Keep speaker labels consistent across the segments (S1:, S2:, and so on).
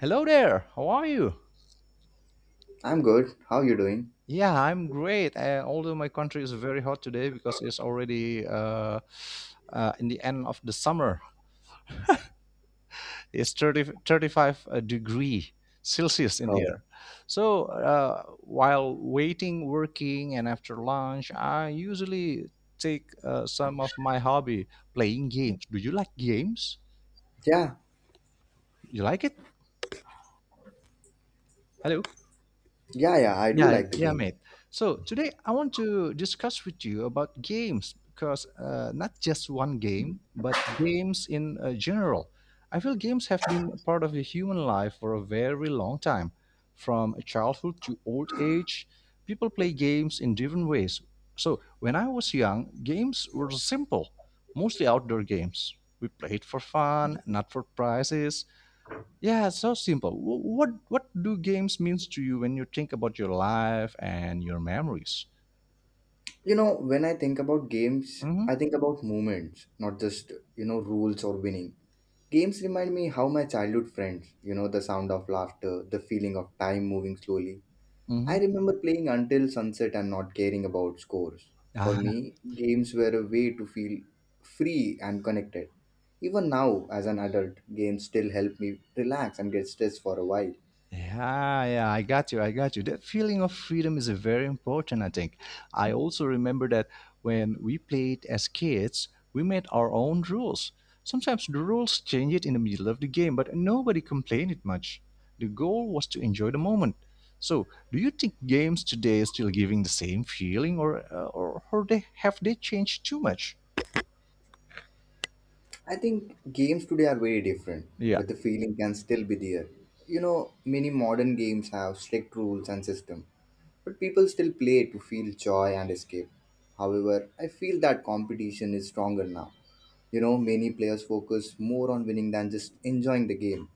S1: Hello there. How are you?
S2: I'm good. How you doing?
S1: Yeah, I'm great. Although my country is very hot today because it's already in the end of the summer. It's thirty thirty five degree Celsius in
S2: Oh.
S1: here. So while waiting, working, and after lunch, I usually take some of my hobby, playing games. Do you like games?
S2: Yeah,
S1: You like it? Hello.
S2: yeah, yeah, I do
S1: Yeah,
S2: like the
S1: yeah,
S2: game.
S1: mate. So today I want to discuss with you about games because not just one game, but games in general. I feel games have been a part of the human life for a very long time. From childhood to old age, people play games in different ways. So when I was young, games were simple, mostly outdoor games. We played for fun, not for prizes. Yeah, so simple. What do games means to you when you think about your life and your memories?
S2: You know, when I think about games,
S1: Mm-hmm.
S2: I think about moments, not just, you know, rules or winning. Games remind me how my childhood friends, you know, the sound of laughter, the feeling of time moving slowly.
S1: Mm-hmm.
S2: I remember playing until sunset and not caring about scores. For
S1: Ah,
S2: me, games were a way to feel free and connected. Even now, as an adult, games still help me relax and get stressed for a while.
S1: yeah, yeah, I got you. I got you. That feeling of freedom is a very important, I think. I also remember that when we played as kids, we made our own rules. Sometimes the rules changed in the middle of the game, but nobody complained it much. The goal was to enjoy the moment. So, do you think games today are still giving the same feeling, or or they changed too much?
S2: I think games today are very different,
S1: Yeah.
S2: but the feeling can still be there. You know, many modern games have strict rules and system, but people still play to feel joy and escape. However, I feel that competition is stronger now. You know, many players focus more on winning than just enjoying the game.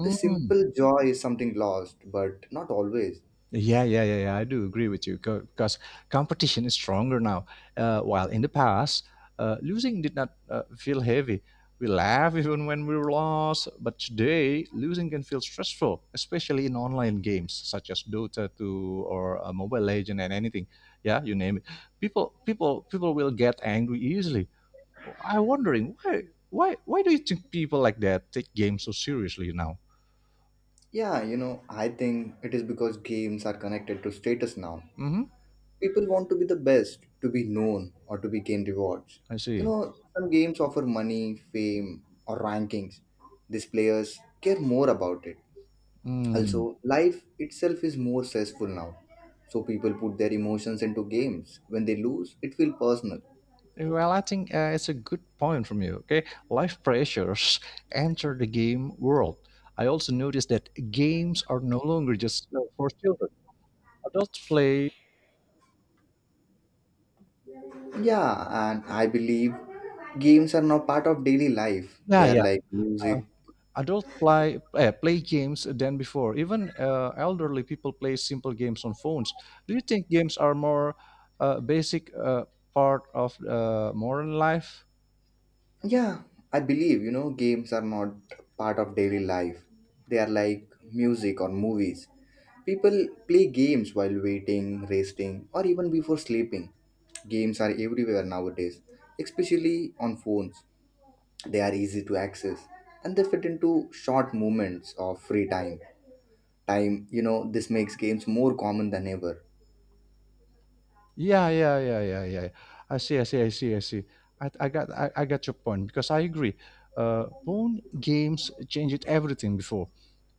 S2: The simple joy is something lost, but not always.
S1: Yeah, yeah, yeah, yeah. I do agree with you because competition is stronger now. While in the past, losing did not feel heavy. We laugh even when we were lost, but today losing can feel stressful, especially in online games such as Dota 2 or Mobile Legend and anything. Yeah, you name it. People will get angry easily. I'm wondering why do you think people like that take games so seriously now?
S2: Yeah, you know, I think it is because games are connected to status now.
S1: Mm-hmm.
S2: People want to be the best, to be known, or to be gain rewards.
S1: I
S2: You
S1: see.
S2: know, some games offer money, fame, or rankings. These players care more about it.
S1: Hmm.
S2: Also, life itself is more stressful now. So people put their emotions into games. When they lose, it feels personal.
S1: Well, I think it's a good point from you. Okay, life pressures enter the game world. I also noticed that games are no longer just for children. Adults play,
S2: Yeah, and I believe games are now part of daily life.
S1: yeah,
S2: They are
S1: yeah.
S2: like
S1: uh,
S2: music.
S1: adults play play games than before. Even elderly people play simple games on phones. Do you think games are more basic part of modern life?
S2: Yeah, I believe, you know, games are not part of daily life. They are like music or movies. People play games while waiting, resting, or even before sleeping. Games are everywhere nowadays, especially on phones. They are easy to access and they fit into short moments of free time. Time, you know, this makes games more common than ever.
S1: Yeah, yeah, yeah, yeah, yeah. I see, I see, I see, I see. I got your point because I agree. Phone games changed everything before.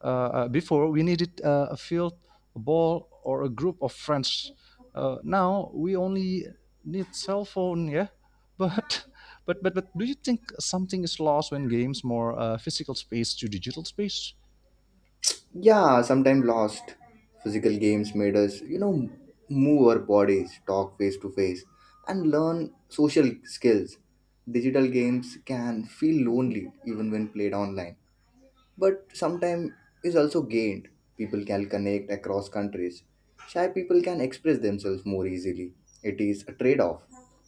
S1: Before we needed a field, a ball, or a group of friends. Now we only need cell phone. Yeah, but, but do you think something is lost when games more physical space to digital space?
S2: Yeah, sometimes lost. Physical games made us, you know, move our bodies, talk face to face, and learn social skills. Digital games can feel lonely even when played online, but sometimes is also gained. People can connect across countries. Shy people can express themselves more easily. It is a trade off.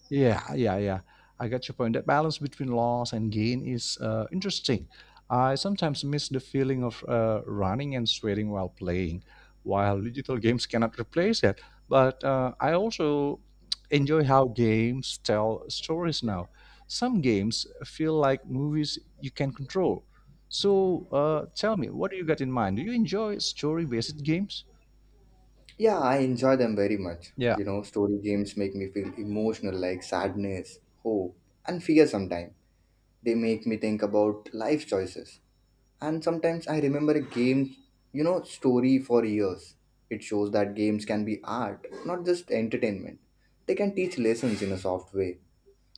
S1: Yeah, yeah, yeah. I get your point. That balance between loss and gain is interesting. I sometimes miss the feeling of running and sweating while playing, while digital games cannot replace that. But I also enjoy how games tell stories now. Some games feel like movies you can control. So tell me, what do you got in mind? Do you enjoy story based games?
S2: Yeah, I enjoy them very much. You know, story games make me feel emotional like sadness, hope, and fear sometimes. They make me think about life choices. And sometimes I remember a game, you know, story for years. It shows that games can be art, not just entertainment. They can teach lessons in a soft way.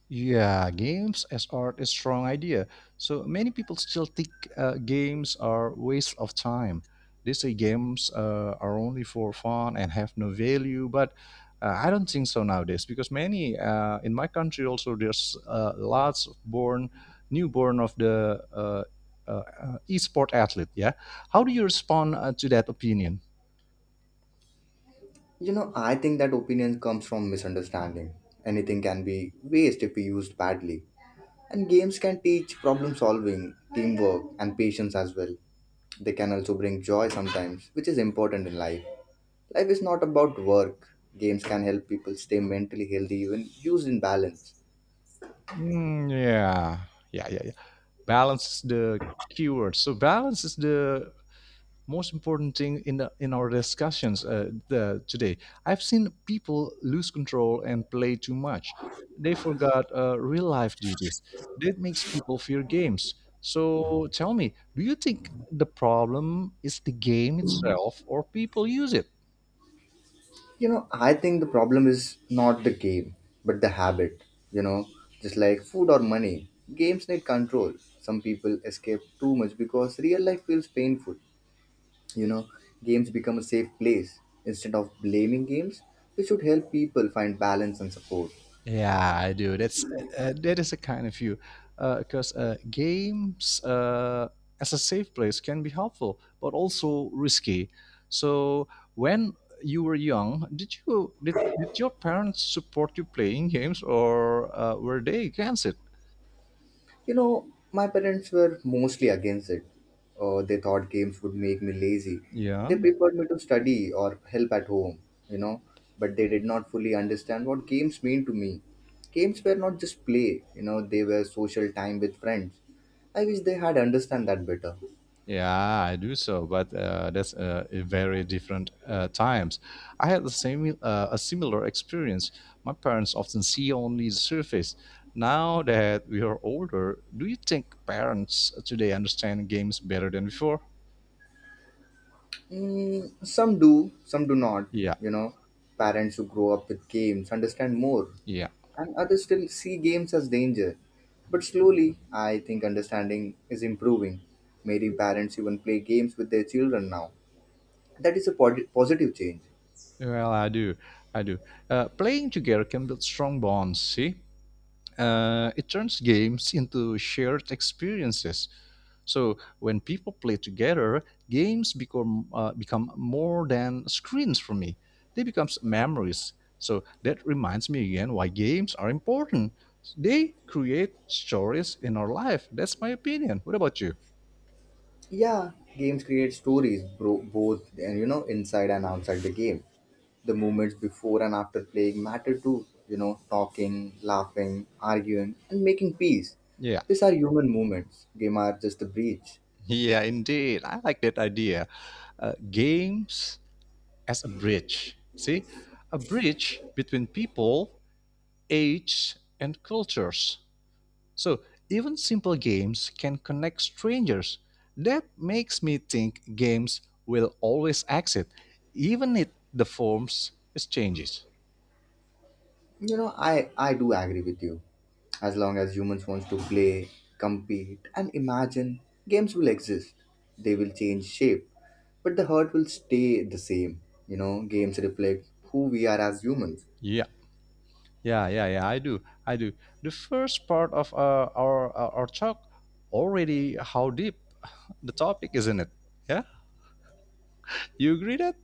S1: Yeah, games as art is strong idea. So many people still think games are waste of time. They say games are only for fun and have no value, but I don't think so nowadays because many in my country also there's lots of born newborn of the uh, e-sport athlete. Yeah, how do you respond to that opinion?
S2: You know, I think that opinion comes from misunderstanding. Anything can be waste if we used badly. And games can teach problem solving, teamwork, and patience as well. They can also bring joy sometimes, which is important in life. Life is not about work. Games can help people stay mentally healthy even used in balance.
S1: Mm, yeah, yeah, yeah, balance is the keyword. So balance is the most important thing in our discussions today. I've seen people lose control and play too much. They forgot real life duties. That makes people fear games. So tell me, do you think the problem is the game itself or people use it?
S2: You know, I think the problem is not the game, but the habit. You know, just like food or money, games need control. Some people escape too much because real life feels painful. You know, games become a safe place. Instead of blaming games, we should help people find balance and support.
S1: Yeah, I do. That is a kind of view, because games as a safe place can be helpful, but also risky. So when you were young, did your parents support you playing games, or were they against it?
S2: You know, my parents were mostly against it. They thought games would make me lazy.
S1: Yeah.
S2: They preferred me to study or help at home, you know, but they did not fully understand what games mean to me. Games were not just play, you know, they were social time with friends. I wish they had understand that better.
S1: Yeah, I do so, but that's a very different times. I had the same a similar experience. My parents often see only the surface. Now that we are older, do you think parents today understand games better than before?
S2: Mm, some do not.
S1: Yeah,
S2: You know, parents who grow up with games understand more,
S1: yeah.
S2: and others still see games as danger. But slowly, I think understanding is improving. Many parents even play games with their children now. That is a positive change.
S1: Well, I do, I do. Playing together can build strong bonds. See, it turns games into shared experiences. So when people play together, games become more than screens for me. They become memories. So that reminds me again why games are important. They create stories in our life. That's my opinion. What about you?
S2: Yeah, games create stories, both and you know inside and outside the game. The moments before and after playing matter too. You know, talking, laughing, arguing, and making peace.
S1: Yeah,
S2: These are human moments. Game are just a breach.
S1: yeah, indeed. I like that idea. Games as a bridge. See, a bridge between people, age, and cultures. So even simple games can connect strangers. That makes me think games will always exist, even if the forms is changes.
S2: You know, I do agree with you. As long as humans wants to play, compete, and imagine, games will exist. They will change shape, but the heart will stay the same. You know, games reflect who we are as humans.
S1: Yeah, yeah, yeah, yeah. I do, I do. The first part of our talk already how deep the topic, isn't it? Yeah, you agree that?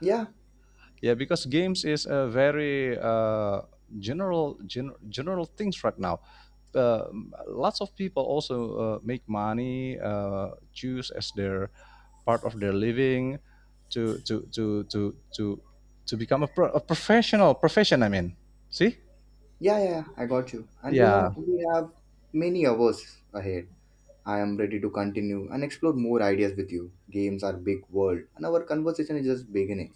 S2: Yeah,
S1: Yeah, because games is a very general things right now. Lots of people also make money, choose as their part of their living, to to to to to to become a, a professional profession. I mean, see?
S2: yeah, yeah, yeah, I got you. And you
S1: Yeah,
S2: know, we have many hours ahead. I am ready to continue and explore more ideas with you. Games are big world, and our conversation is just beginning.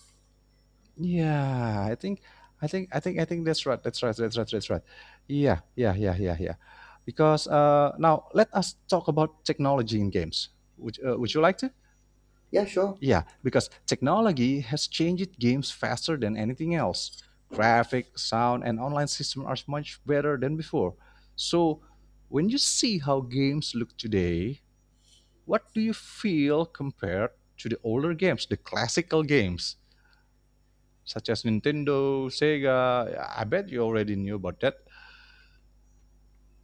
S1: yeah. I think that's right. That's right. That's right. That's right. Yeah, yeah, yeah, yeah, yeah. Because now let us talk about technology in games. Would you like to?
S2: Yeah, sure.
S1: Yeah, because technology has changed games faster than anything else. Graphic, sound, and online systems are much better than before. So, when you see how games look today, what do you feel compared to the older games, the classical games, such as Nintendo, Sega? I bet you already knew about that.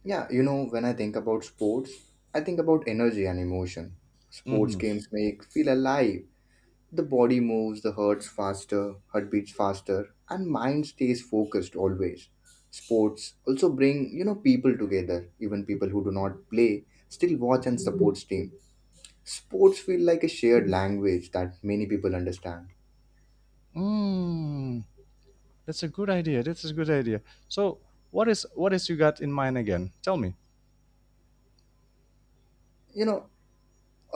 S2: Yeah, you know, when I think about sports, I think about energy and emotion. Sports
S1: Mm-hmm.
S2: games make feel alive. The body moves, the hearts faster, heart beats faster, and mind stays focused always. Sports also bring, you know, people together. Even people who do not play still watch and support team. Sports feel like a shared language that many people understand.
S1: Mm, that's a good idea. That's a good idea. So, what is you got in mind again? Tell me.
S2: You know,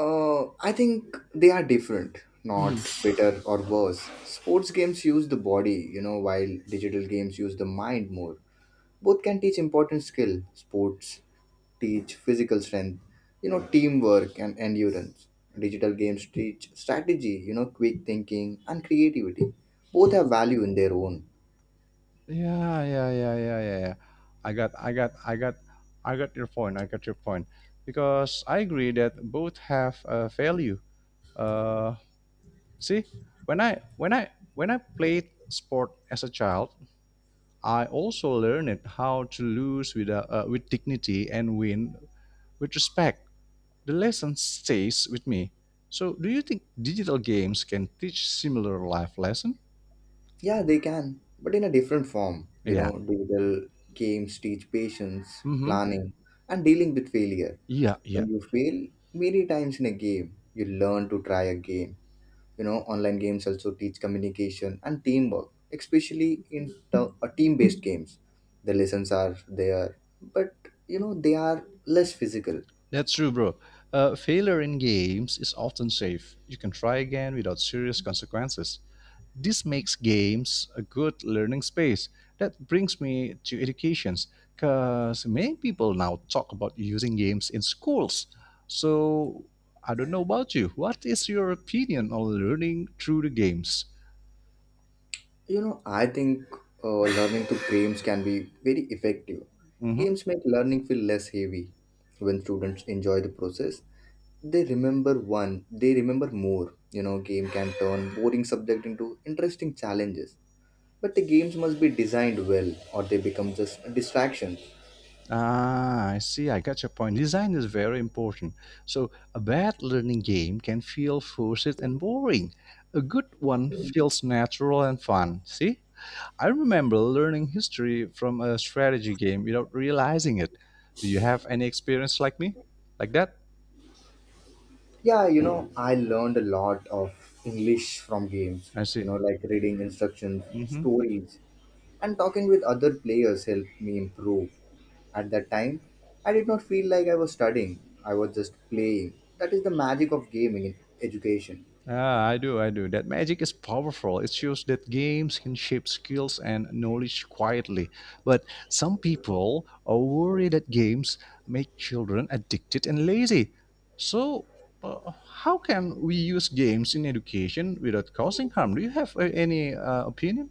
S2: I think they are different, not better or worse. Sports games use the body, you know, while digital games use the mind more. Both can teach important skill. Sports teach physical strength, you know, teamwork and endurance. Digital games teach strategy, you know, quick thinking and creativity. Both have value in their own.
S1: Yeah, yeah, yeah, yeah, yeah, yeah. I got, I got, I got, I got your point. I got your point because I agree that both have a value. Uh, See, when I played sport as a child, I also learned how to lose with with dignity and win with respect. The lesson stays with me. So, do you think digital games can teach similar life lesson?
S2: Yeah, they can, but in a different form. You
S1: Yeah.
S2: know, digital games teach patience,
S1: Mm-hmm.
S2: planning, and dealing with failure.
S1: Yeah, yeah,
S2: When you fail many times in a game, you learn to try again. You know, online games also teach communication and teamwork, especially in team-based games. The lessons are there, but you know they are less physical.
S1: that's true, bro. Failure in games is often safe. You can try again without serious consequences. This makes games a good learning space. That brings me to educations, because many people now talk about using games in schools. So I don't know about you. What is your opinion on learning through the games?
S2: You know, I think learning through games can be very effective.
S1: Mm-hmm.
S2: Games make learning feel less heavy. When students enjoy the process, they remember one, they remember more. You know, game can turn boring subject into interesting challenges. But the games must be designed well or they become just a distraction.
S1: Ah, I see. I got your point. Design is very important. So, a bad learning game can feel forced and boring. A good one feels natural and fun. See? I remember learning history from a strategy game without realizing it. Do you have any experience like me? Like that?
S2: Yeah, you know, I learned a lot of English from games,
S1: I
S2: you
S1: see.
S2: know, like reading instructions,
S1: Mhm.
S2: stories, and talking with other players helped me improve. At that time, I did not feel like I was studying, I was just playing. That is the magic of gaming in education.
S1: Ah, I do, I do. That magic is powerful. It shows that games can shape skills and knowledge quietly. But some people are worried that games make children addicted and lazy. So, uh, how can we use games in education without causing harm? Do you have any opinion?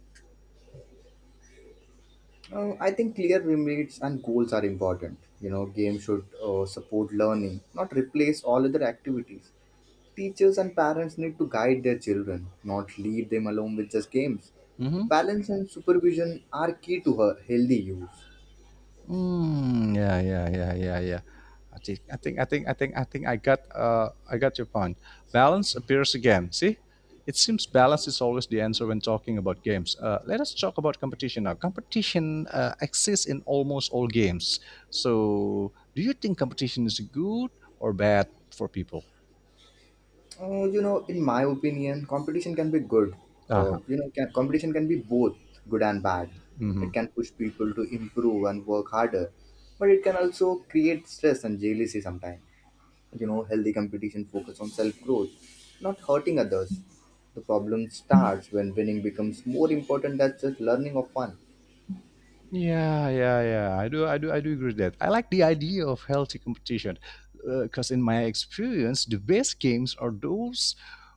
S2: I think clear limits and goals are important. You know, games should support learning, not replace all other activities. Teachers and parents need to guide their children, not leave them alone with just games. Balance and supervision are key to her healthy use.
S1: Mm, yeah, yeah, yeah, yeah, yeah. I got your point. Balance appears again. See, it seems balance is always the answer when talking about games. Let us talk about competition now. Competition exists in almost all games. So, do you think competition is good or bad for people?
S2: You know, in my opinion, competition can be good. Uh,
S1: Uh-huh.
S2: you know, competition can be both good and bad.
S1: Mm-hmm.
S2: It can push people to improve and work harder, but it can also create stress and jealousy sometimes. You know, healthy competition focus on self growth, not hurting others. The problem starts when winning becomes more important than just learning or fun.
S1: Yeah, yeah, yeah. I do, I do, I do agree with that. I like the idea of healthy competition, because in my experience, the best games are those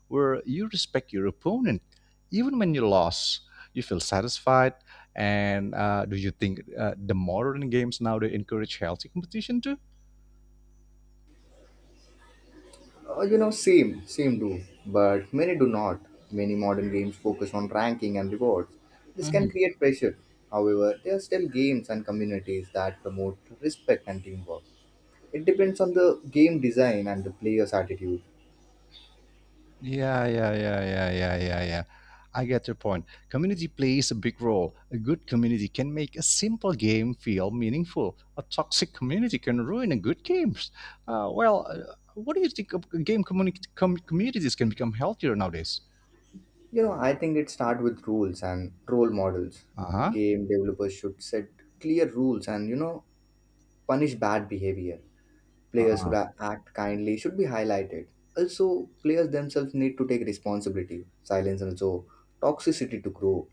S1: where you respect your opponent, even when you lost, you feel satisfied. And do you think the modern games now they encourage healthy competition too?
S2: You know, same do, but many do not. Many modern games focus on ranking and rewards. This can create pressure. However, there are still games and communities that promote respect and teamwork. It depends on the game design and the player's attitude.
S1: Yeah, yeah, yeah, yeah, yeah, yeah, yeah. I get your point. Community plays a big role. A good community can make a simple game feel meaningful. A toxic community can ruin a good games. Well, what do you think of game communities can become healthier nowadays?
S2: You know, I think it starts with rules and role models.
S1: Uh
S2: Game developers should set clear rules and, you know, punish bad behavior. Players who
S1: huh.
S2: act kindly should be highlighted. Also, players themselves need to take responsibility, silence, and also toxicity to grow.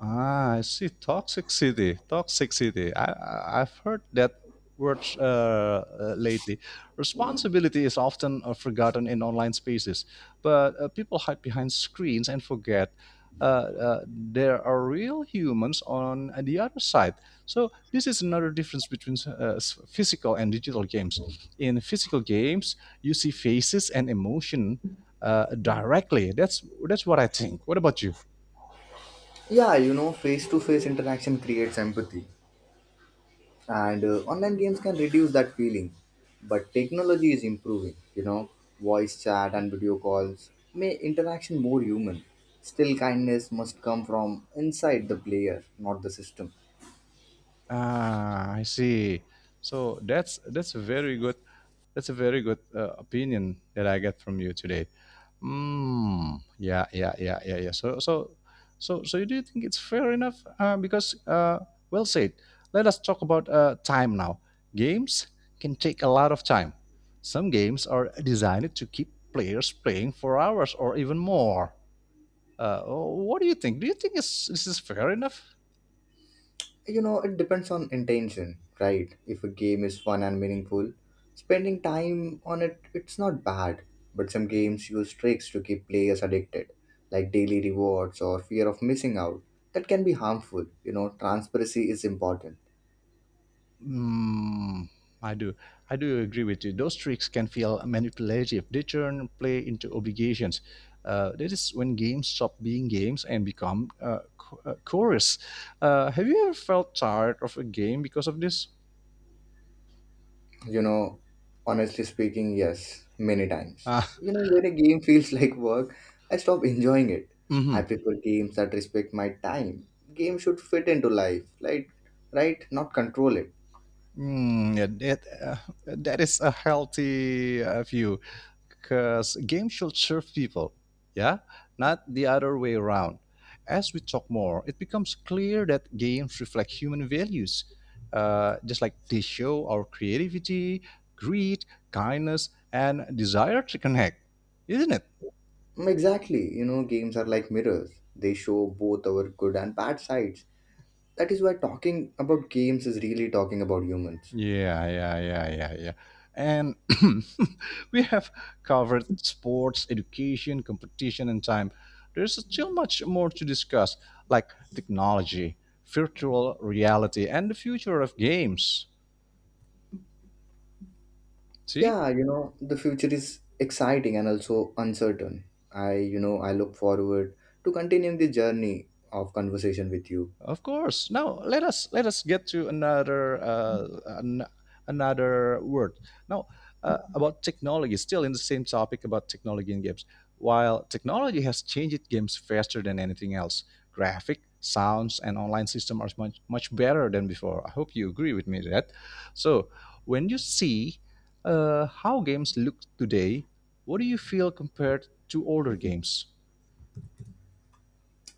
S1: Ah, I see. Toxic city. Toxic city. I've heard that word lately. Responsibility is often forgotten in online spaces, but people hide behind screens and forget there are real humans on the other side. So this is another difference between physical and digital games. In physical games, you see faces and emotion directly. That's what I think. What about you?
S2: Yeah, you know, face to face interaction creates empathy, and online games can reduce that feeling. But technology is improving, you know, voice chat and video calls make interaction more human. Still, kindness must come from inside the player, not the system.
S1: Ah, I see. So that's a very good opinion that I get from you today. Hmm. Yeah, yeah, yeah, yeah, yeah. So do you think it's fair enough? Because well said. Let us talk about time now. Games can take a lot of time. Some games are designed to keep players playing for hours or even more. What do you think? Do you think this is fair enough?
S2: You know, it depends on intention, right? If a game is fun and meaningful, spending time on it it's not bad. But some games use tricks to keep players addicted, like daily rewards or fear of missing out. That can be harmful. You know, transparency is important.
S1: Mm, I do. I do agree with you. Those tricks can feel manipulative. They turn play into obligations. That is when games stop being games and become chorus. Have you ever felt tired of a game because of this?
S2: You know, honestly speaking, yes, many times.
S1: Ah,
S2: You know, when a game feels like work, I stop enjoying it.
S1: mhm.
S2: I prefer games that respect my time. Games should fit into life, like right? Not control it.
S1: Mm, yeah, that is a healthy view because games should serve people, yeah, not the other way around. As we talk more, it becomes clear that games reflect human values, just like they show our creativity, greed, kindness, and desire to connect, isn't it?
S2: Mm, exactly. You know, games are like mirrors. They show both our good and bad sides. That is why talking about games is really talking about humans.
S1: Yeah, yeah, yeah, yeah, yeah. And we have covered sports, education, competition, and time. There's still much more to discuss, like technology, virtual reality, and the future of games. See?
S2: Yeah, you know, the future is exciting and also uncertain. You know, I look forward to continuing the journey of conversation with you.
S1: Of course. Now let us get to another another word. Now about technology, still in the same topic about technology in games. While technology has changed games faster than anything else, graphic, sounds, and online system are much much better than before. I hope you agree with me that. So when you see how games look today, what do you feel compared to older games?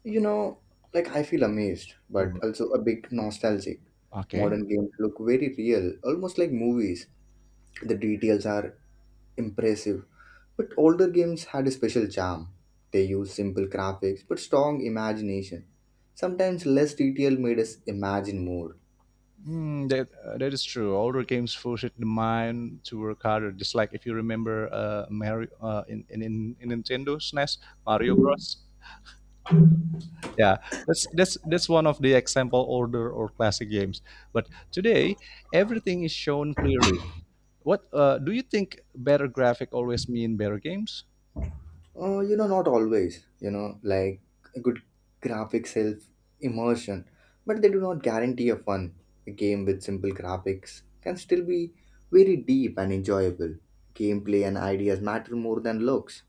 S2: You know, like I feel amazed, but
S1: Oh,
S2: also a bit nostalgic.
S1: okay.
S2: Modern games look very real, almost like movies. The details are impressive, but older games had a special charm. They used simple graphics but strong imagination. Sometimes less detail made us imagine more.
S1: Mm, that is true. Older games forced the mind to work harder. Just like if you remember, Mario uh, in Nintendo SNES, Mario Bros. Yeah, that's one of the example older or classic games. But today, everything is shown clearly. What do you think? Better graphic always mean better games?
S2: You know, not always, you know, like a good graphics self immersion, but they do not guarantee a fun. A game with simple graphics can still be very deep and enjoyable. Gameplay and ideas matter more than looks.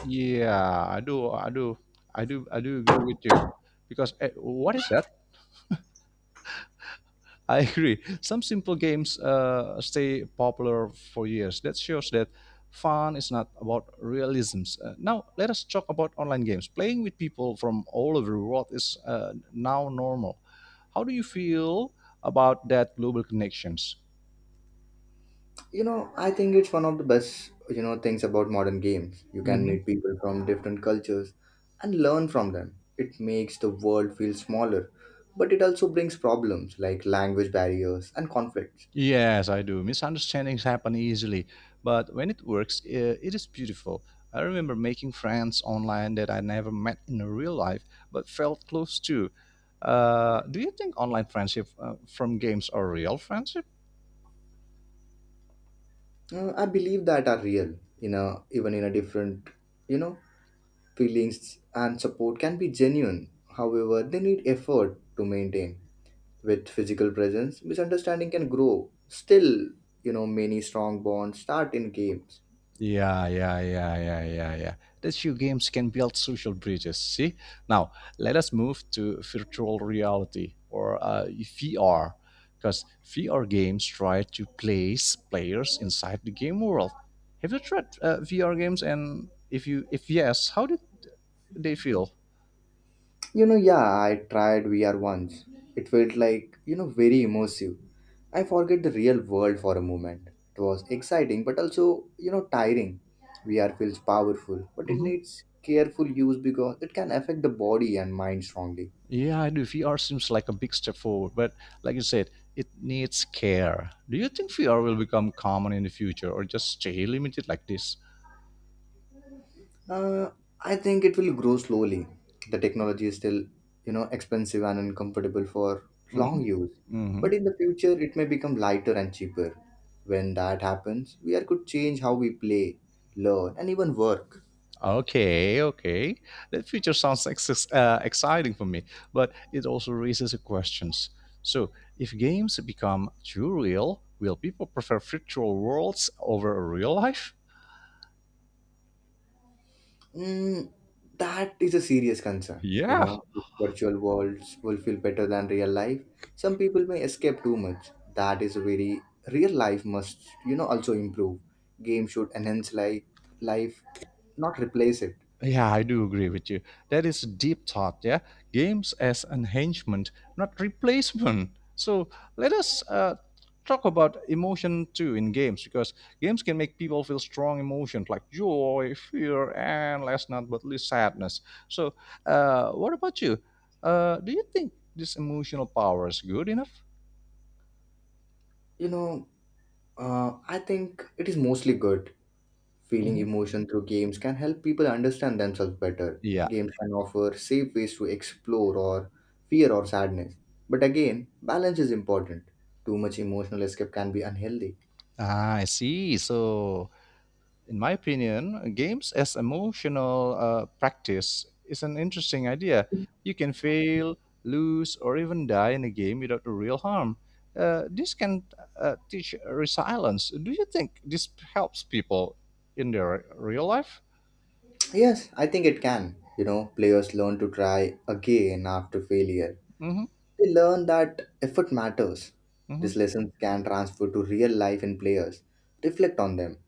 S1: Yeah, I do. I do agree with you, because what is that? I agree. Some simple games stay popular for years. That shows that fun is not about realisms. Now, let us talk about online games. Playing with people from all over the world is now normal. How do you feel about that global connections?
S2: You know, I think it's one of the best, you know, things about modern games. You can meet people from different cultures and learn from them. It makes the world feel smaller, but it also brings problems like language barriers and conflicts.
S1: Yes, I do. Misunderstandings happen easily, but when it works, it is beautiful. I remember making friends online that I never met in real life, but felt close to. Do you think online friendship from games are real friendship?
S2: I believe that are real in a even in a different, you know, feelings and support can be genuine. However, they need effort to maintain. With physical presence, misunderstanding can grow. Still, you know, many strong bonds start in games.
S1: Yeah, yeah, yeah, yeah, yeah, yeah. That's your games can build social bridges. See, now let us move to virtual reality or VR, because VR games try to place players inside the game world. Have you tried VR games? And if yes, how did they feel?
S2: You know, yeah, I tried VR once. It felt like, you know, very immersive. I forget the real world for a moment. It was exciting but also, you know, tiring. VR feels powerful, but it
S1: Mm-hmm.
S2: needs careful use because it can affect the body and mind strongly.
S1: Yeah, I do. VR seems like a big step forward, but like you said, it needs care. Do you think VR will become common in the future or just stay limited like this?
S2: Uh, I think it will grow slowly. The technology is still, you know, expensive and uncomfortable for
S1: Mm-hmm.
S2: long use.
S1: Hmm.
S2: But in the future, it may become lighter and cheaper. When that happens, VR could change how we play, learn, and even work.
S1: Okay, okay. That future sounds exciting for me, but it also raises the questions. So, if games become too real, will people prefer virtual worlds over a real life?
S2: Mm, that is a serious concern. You
S1: Yeah,
S2: know, if virtual worlds will feel better than real life. Some people may escape too much. That is a very real life must, you know, also improve. Game should enhance life, life, not replace it.
S1: yeah, I do agree with you. That is a deep thought. Yeah, games as enhancement, not replacement. So let us talk about emotion too in games because games can make people feel strong emotions like joy, fear, and last not but least sadness. So, what about you? Do you think this emotional power is good enough?
S2: You know, I think it is mostly good. Feeling
S1: Mhm.
S2: emotion through games can help people understand themselves better.
S1: Yeah.
S2: Games can offer safe ways to explore or fear or sadness. But again, balance is important. Too much emotional escape can be unhealthy.
S1: Ah, I see. So in my opinion, games as emotional practice is an interesting idea. You can fail, lose, or even die in a game without real harm. This can teach resilience. Do you think this helps people in their real life?
S2: Yes, I think it can. You know, players learn to try again after failure.
S1: Hmm.
S2: They learn that effort matters.
S1: Hmm.
S2: These lessons can transfer to real life in players. Reflect on them.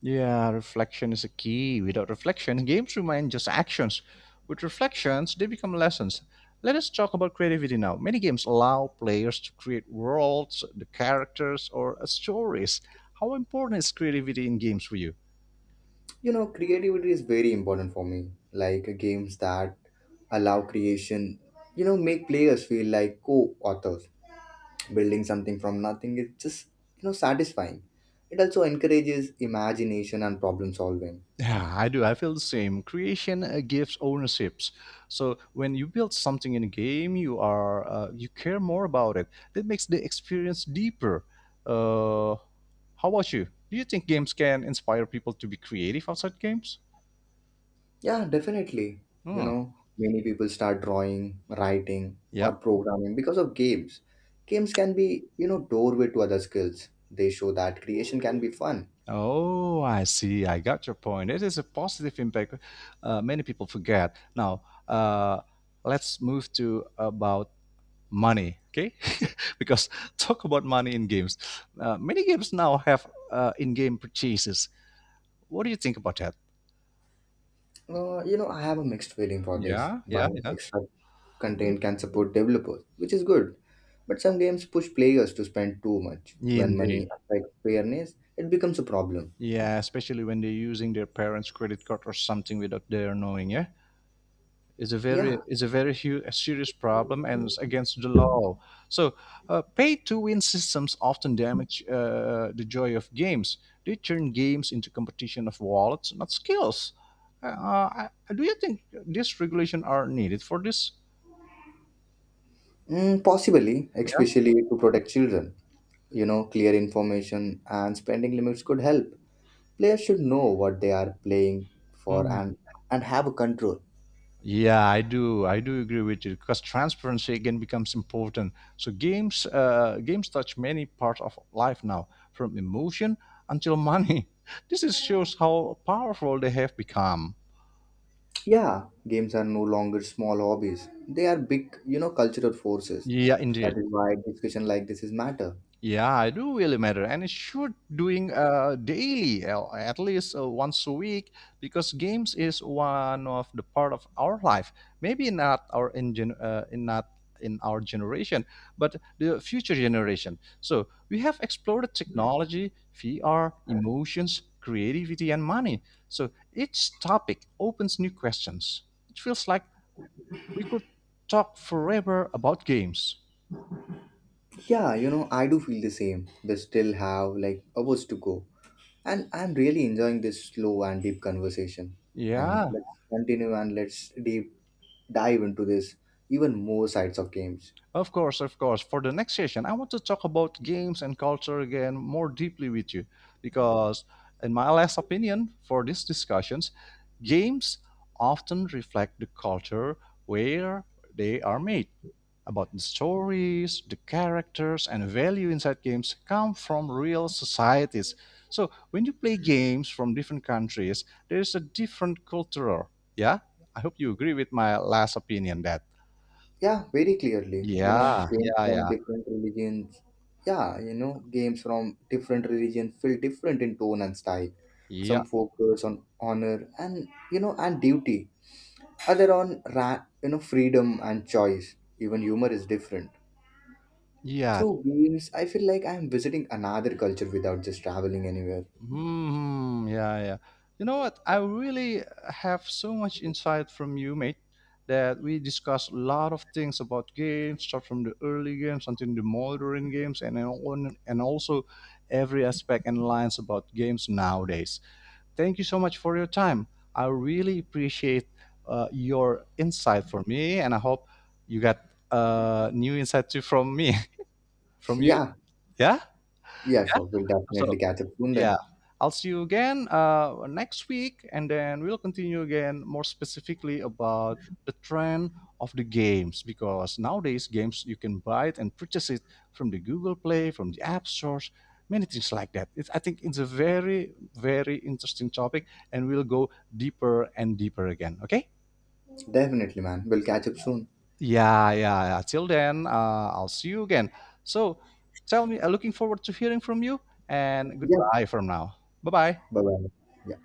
S1: Yeah, reflection is a key. Without reflection, games remain just actions. With reflections, they become lessons. Let us talk about creativity now. Many games allow players to create worlds, the characters, or stories. How important is creativity in games for you?
S2: You know, creativity is very important for me. Like games that allow creation, you know, make players feel like co-authors. Building something from nothing is just, you know, satisfying. It also encourages imagination and problem solving.
S1: Yeah, I do. I feel the same. Creation gives ownerships. So when you build something in a game, you care more about it. That makes the experience deeper. Uh, How about you? Do you think games can inspire people to be creative outside games?
S2: Yeah, definitely. You
S1: Hmm.
S2: know, many people start drawing, writing,
S1: Yeah.
S2: or programming because of games. Games can be, you know, doorway to other skills. They show that creation can be fun.
S1: Oh, I see. I got your point. It is a positive impact. Many people forget. Now, let's move to about money, okay? Because talk about money in games. Many games now have in-game purchases. What do you think about that?
S2: I have a mixed feeling for this.
S1: Yeah, yeah,
S2: Buying
S1: yeah.
S2: extra content can support developers, which is good. But some games push players to spend too much. When
S1: Indeed.
S2: money affects fairness, it becomes a problem.
S1: Yeah, especially when they're using their parents' credit card or something without their knowing, yeah? Is a very
S2: Yeah,
S1: a serious problem and it's against the law. So, pay-to-win systems often damage the joy of games. They turn games into competition of wallets, not skills. Do you think this regulation are needed for this?
S2: mm, possibly,
S1: Yeah.
S2: especially to protect children. You know, clear information and spending limits could help. Players should know what they are playing for
S1: Hmm.
S2: and have a control.
S1: Yeah, I do. I do agree with you because transparency again becomes important. So games touch many parts of life now, from emotion until money. This is shows how powerful they have become.
S2: Yeah, games are no longer small hobbies. They are big, you know, cultural forces.
S1: Yeah, indeed.
S2: That is why discussion like this is matter.
S1: Yeah, I do really matter, and it should doing daily, at least once a week, because games is one of the part of our life. Maybe not our in, gen- in not in our generation, but the future generation. So we have explored technology, VR, emotions, creativity, and money. So each topic opens new questions. It feels like we could talk forever about games.
S2: Yeah, you know, I do feel the same. We still have like hours to go. And I'm really enjoying this slow and deep conversation. And
S1: Yeah,
S2: let's continue and let's deep dive into this even more sides of games.
S1: of course, of course. For the next session, I want to talk about games and culture again more deeply with you because, in my last opinion, for these discussions, games often reflect the culture where they are made. About the stories, the characters, and value inside games come from real societies. So, when you play games from different countries, there is a different culture. Yeah? I hope you agree with my last opinion that.
S2: Yeah, very clearly. You know,
S1: Yeah,
S2: games
S1: yeah,
S2: from
S1: yeah.
S2: different religions. Yeah, you know, games from different religions feel different in tone and style.
S1: Yeah,
S2: Some focus on honor and, you know, and duty. Other on you know, freedom and choice. Even humor is different.
S1: yeah,
S2: Through games, I feel like I am visiting another culture without just traveling anywhere.
S1: hmm, yeah, yeah. You know what? I really have so much insight from you, mate, that we discussed a lot of things about games, start from the early games until the modern games, and also every aspect and lines about games nowadays. Thank you so much for your time. I really appreciate your insight for me, and I hope you got new insight too from me, from you.
S2: Yeah,
S1: Yeah,
S2: yeah,
S1: yeah.
S2: sure. We'll
S1: So
S2: definitely catch up soon
S1: yeah.
S2: then.
S1: I'll see you again next week, and then we'll continue again more specifically about the trend of the games because nowadays games you can buy it and purchase it from the Google Play, from the App Stores, many things like that. I think it's a very, very interesting topic, and we'll go deeper and deeper again. Okay?
S2: Definitely, man. We'll catch up soon.
S1: Yeah, yeah, yeah. Till then, I'll see you again. So tell me, I'm looking forward to hearing from you, and
S2: Yeah.
S1: goodbye from now. Bye bye.
S2: Bye bye. Yeah.